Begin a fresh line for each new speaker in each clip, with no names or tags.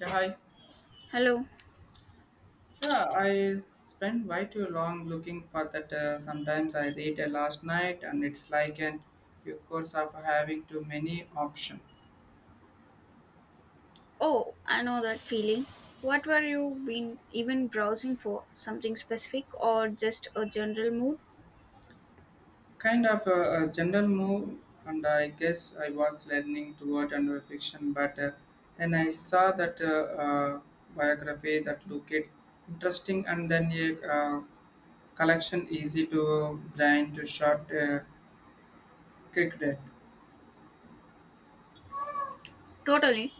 Yeah, I,
Hello.
yeah, I spent way too long looking for that. Sometimes I read a last night, and it's like an of course of having too many options.
Oh, I know that feeling. What were you been even browsing for? Something specific or just a general mood?
Kind of a general move, and I guess I was leaning toward under fiction, but then I saw that biography that looked interesting, and then a collection easy to brain to short cricket.
Totally.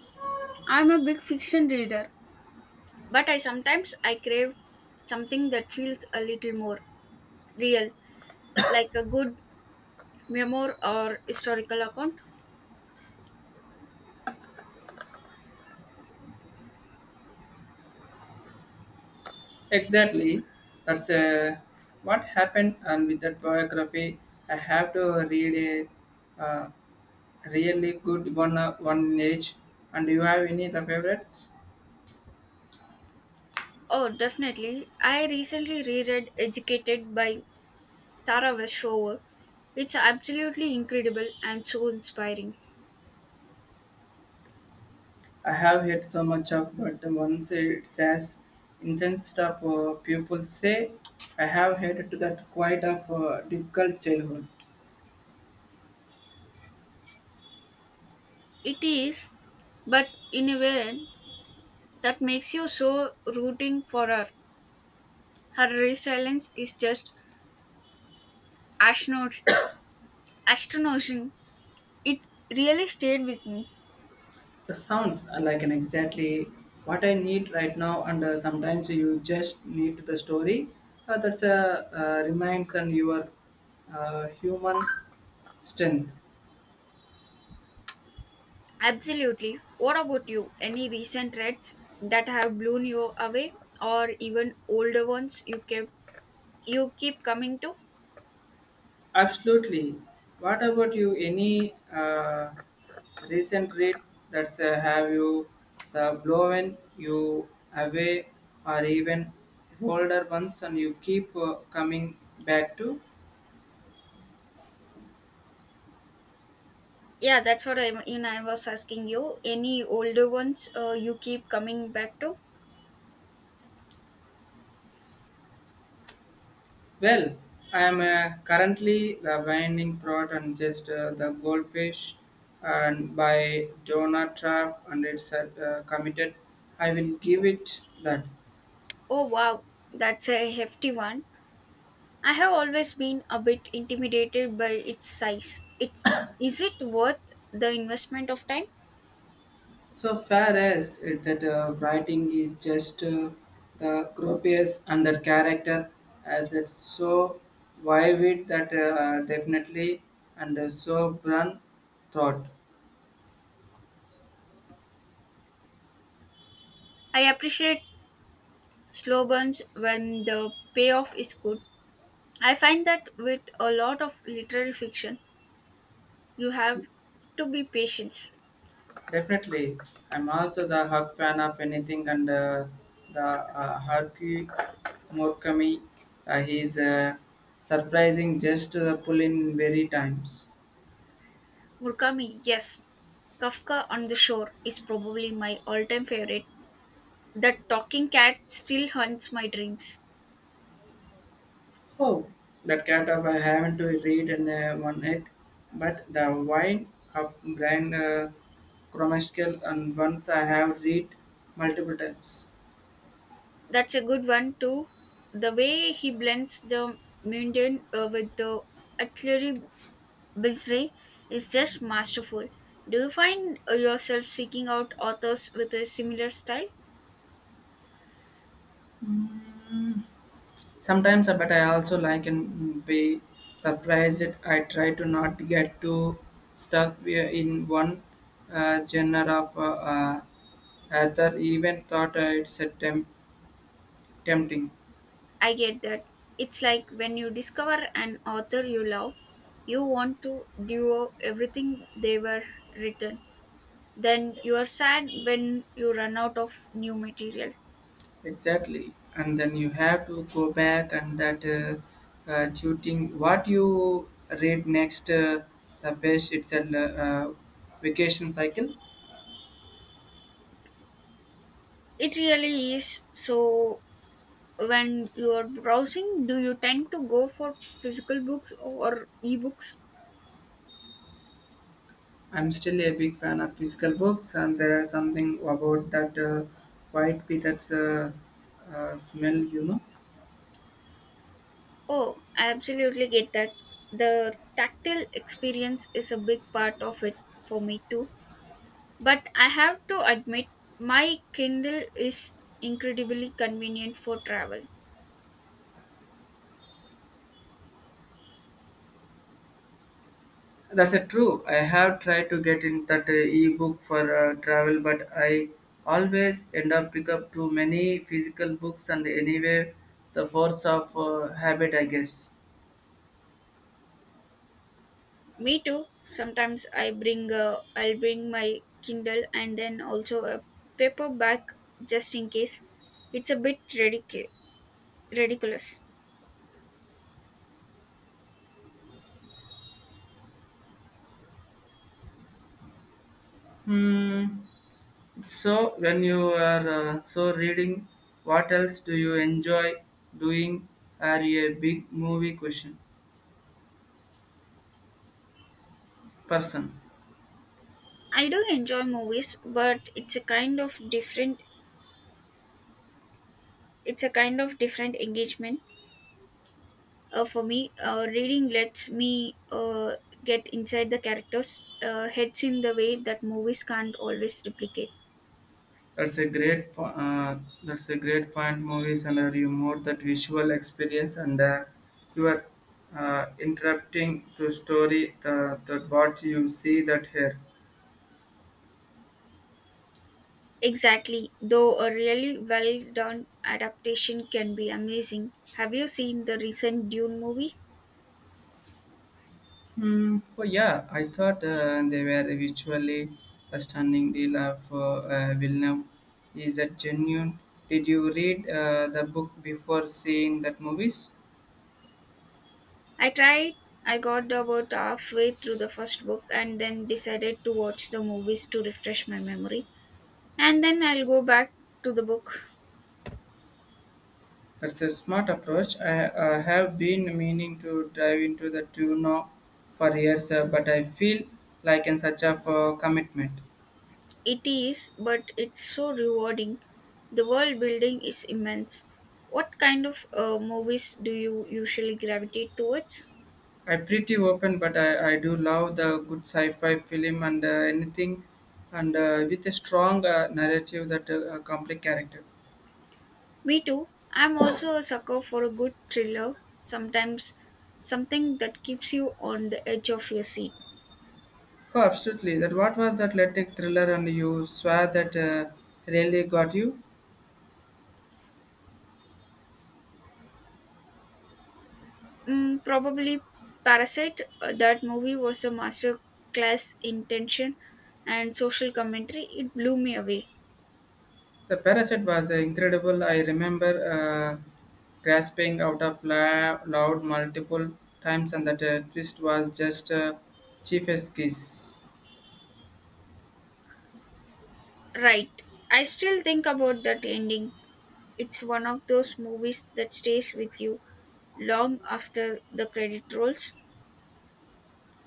I'm a big fiction reader, but I sometimes I crave something that feels a little more real, like a good memoir or historical account.
Exactly. That's what happened. And with that biography, I have to read a really good one. One age. And do you have any the favorites?
Oh, definitely. I recently reread Educated by Tara Westover. It's absolutely incredible and so inspiring.
I have heard so much of, but the ones it says incensed of people say, I have heard to that quite of difficult childhood.
It is, but in a way, that makes you so rooting for her. Her resilience is just astronaut- astonishing. It really stayed with me.
That sounds like an exactly what I need right now, and sometimes you just need the story. That's a reminds and your human strength.
Absolutely. What about you? Any recent threats that have blown you away, or even older ones you keep coming to?
Absolutely. What about you? Any recent read that's have you the blown you away, or even older ones, and you keep coming back to?
Yeah, that's what I mean. I was asking you. Any older ones you keep coming back to?
Well, I am currently The Winding Throat and just the Goldfish and by Donna Traff and it's committed. I will give it that.
Oh wow, that's a hefty one. I have always been a bit intimidated by its size. It's Is it worth the investment of time?
So far as it, that writing is just the gropius and that character that's so vivid that definitely and so brun thought.
I appreciate slow burns when the payoff is good. I find that with a lot of literary fiction, you have to be patient.
Definitely, I'm also the Hug fan of anything and the Haruki Murakami. He's surprising just to the pull in very times.
Murakami, yes. Kafka on the Shore is probably my all-time favorite. The talking cat still haunts my dreams.
Oh, that cat of I haven't to read and one it, but the wine of brand Chromatical and once I have read multiple times.
That's a good one too. The way he blends the mundane with the artillery bizarre is just masterful. Do you find yourself seeking out authors with a similar style?
Mm. Sometimes, but I also like and be surprised. I try to not get too stuck in one genre of author. Even thought it's a tempting,
I get that. It's like when you discover an author you love, you want to devour everything they were written. Then you are sad when you run out of new material.
exactly. And then you have to go back and that shooting. What you read next, the best. It's a vacation cycle.
It really is. So when you're browsing, do you tend to go for physical books or ebooks?
I'm still a big fan of physical books, and there are something about that white pea that's smell, you know.
Oh, I absolutely get that. The tactile experience is a big part of it for me too, but I have to admit my Kindle is incredibly convenient for travel.
That's a true. I have tried to get in that e-book for travel, but I always end up pick up too many physical books, and anyway, the force of habit, I guess.
Me too. Sometimes I'll bring my Kindle and then also a paperback, just in case. It's a bit ridiculous.
Hmm. So, when you are so reading, what else do you enjoy doing? Are you a big movie question person?
I do enjoy movies, but it's a kind of different engagement for me. Reading lets me get inside the characters' heads in the way that movies can't always replicate.
That's a that's a great point. Movies and are you more that visual experience and you are interrupting to story the that what you see that here.
Exactly. Though a really well done adaptation can be amazing. Have you seen the recent Dune movie?
Hmm. Oh yeah, I thought they were visually a stunning deal of Villeneuve. Is that genuine? Did you read the book before seeing that movies?
I tried. I got about halfway through the first book and then decided to watch the movies to refresh my memory. And then I'll go back to the book.
That's a smart approach. I have been meaning to dive into the tuna for years, but I feel like in such a commitment.
It is, but it's so rewarding. The world building is immense. What kind of movies do you usually gravitate towards?
I'm pretty open, but I do love the good sci-fi film and anything, and with a strong narrative that complex character.
Me too. I'm also a sucker for a good thriller, sometimes something that keeps you on the edge of your seat.
Oh, absolutely. That what was that athletic thriller, and you saw that really got you.
Mm, probably Parasite. That movie was a master class in tension and social commentary. It blew me away.
The parasite was incredible. I remember grasping out of loud multiple times, and that twist was just chief's kiss.
Right. I still think about that ending. It's one of those movies that stays with you long after the credit rolls.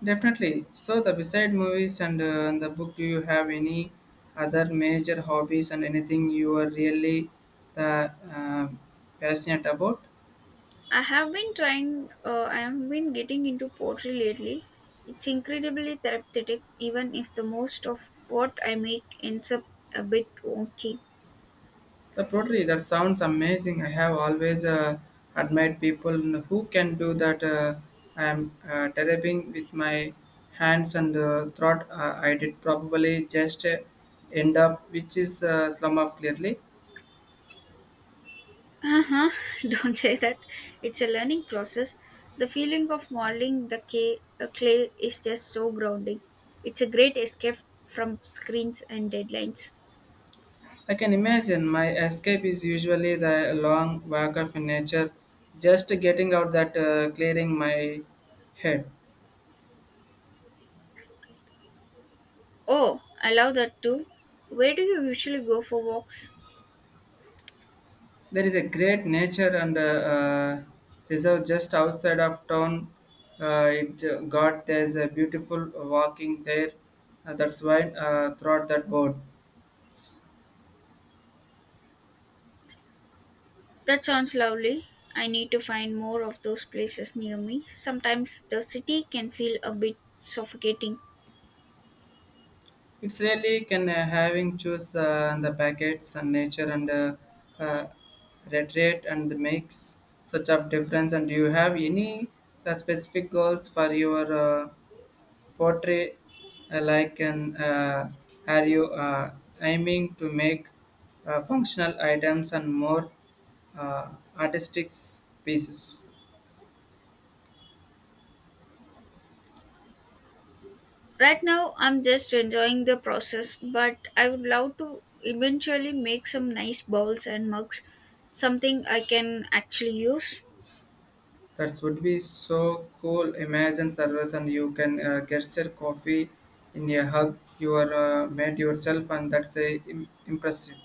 Definitely. So, the beside movies and the book, do you have any other major hobbies and anything you are really uh, uh, passionate about?
I have been getting into poetry lately. It's incredibly therapeutic, even if the most of what I make ends up a bit wonky.
The pottery that sounds amazing. I have always admired people who can do that. I am developing with my hands and thought I did probably just end up, which is slum of clearly.
Uh huh, don't say that. It's a learning process. The feeling of modeling the clay is just so grounding. It's a great escape from screens and deadlines.
I can imagine my escape is usually the long walk of nature, just getting out that clearing my head.
Oh, I love that too. Where do you usually go for walks?
There is a great nature and reserve just outside of town. It got there's a beautiful walking there. That's why throughout that word.
That sounds lovely. I need to find more of those places near me. Sometimes the city can feel a bit suffocating.
It's really can having choose the packets and nature and uh, reiterate and makes such of difference. And do you have any the specific goals for your uh, Portray like an are you aiming to make functional items and more uh, artistic pieces.
Right now, I'm just enjoying the process, but I would love to eventually make some nice bowls and mugs, something I can actually use.
That would be so cool. Imagine service and you can gesture coffee in a hug. You are made yourself and that's impressive.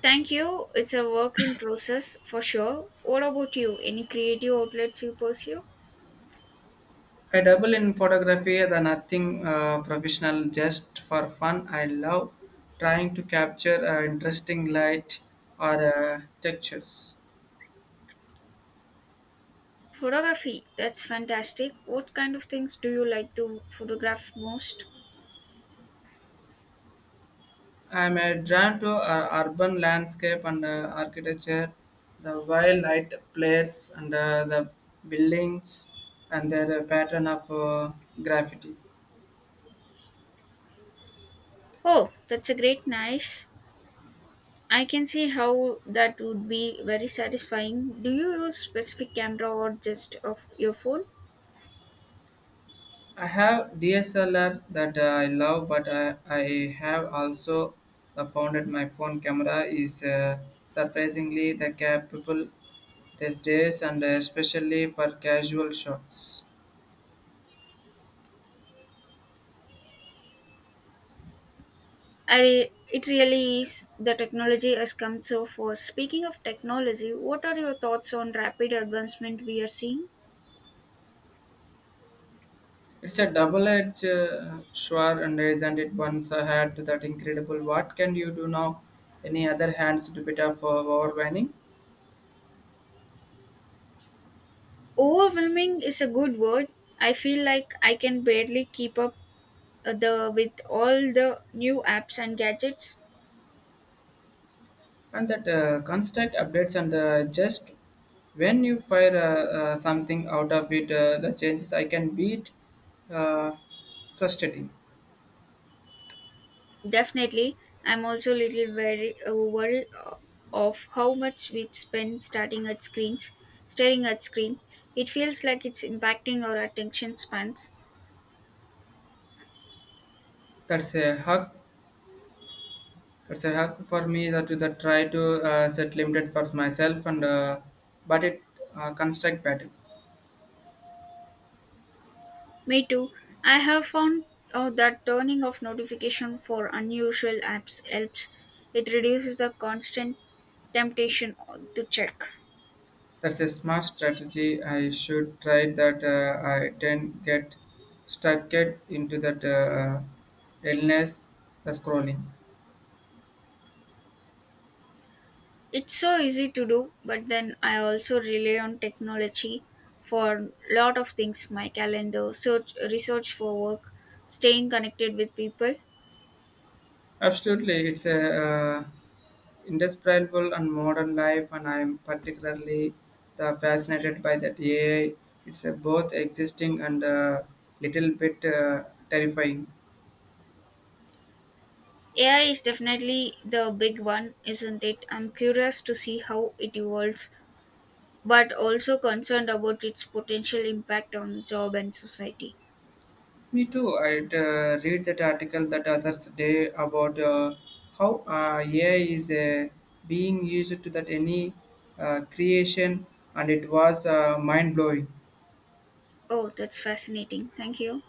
Thank you. It's a work in process for sure. What about you? Any creative outlets you pursue?
I dabble in photography, the nothing professional, just for fun. I love trying to capture interesting light or textures.
Photography, that's fantastic. What kind of things do you like to photograph most?
I'm drawn to urban landscape and architecture, the wild light place and the buildings and their pattern of graffiti.
Oh, that's a great nice. I can see how that would be very satisfying. Do you use specific camera or just of your phone?
I have DSLR that I love, but I have also found that my phone camera is surprisingly the capable these days, and especially for casual shots.
It really is. The technology has come so far. Speaking of technology, what are your thoughts on rapid advancement we are seeing?
It's a double-edged sword, and isn't it once I had that incredible? What can you do now? Any other hands to bit of overwhelming?
Overwhelming is a good word. I feel like I can barely keep up the with all the new apps and gadgets.
And that constant updates and just when you fire something out of it the changes I can beat uh, frustrating.
Definitely, I'm also a little worried of how much we spend staring at screens. It feels like it's impacting our attention spans.
That's a hug that's a hug for me that to that try to set limited for myself and but it construct pattern.
Me too. I have found out that turning off notification for unusual apps helps. It reduces the constant temptation to check.
That's a smart strategy. I should try that I didn't get stuck it into that illness the scrolling.
It's so easy to do, but then I also rely on technology for lot of things, my calendar, search research for work, staying connected with people.
Absolutely, it's a indescribable and modern life, and I am particularly the fascinated by that AI. It's both existing and a little bit terrifying.
AI is definitely the big one, isn't it? I'm curious to see how it evolves, but also concerned about its potential impact on job and society.
Me too. I read that article that others day about how AI is being used to that any creation, and it was mind blowing.
Oh, that's fascinating. Thank you.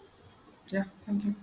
Yeah, thank you.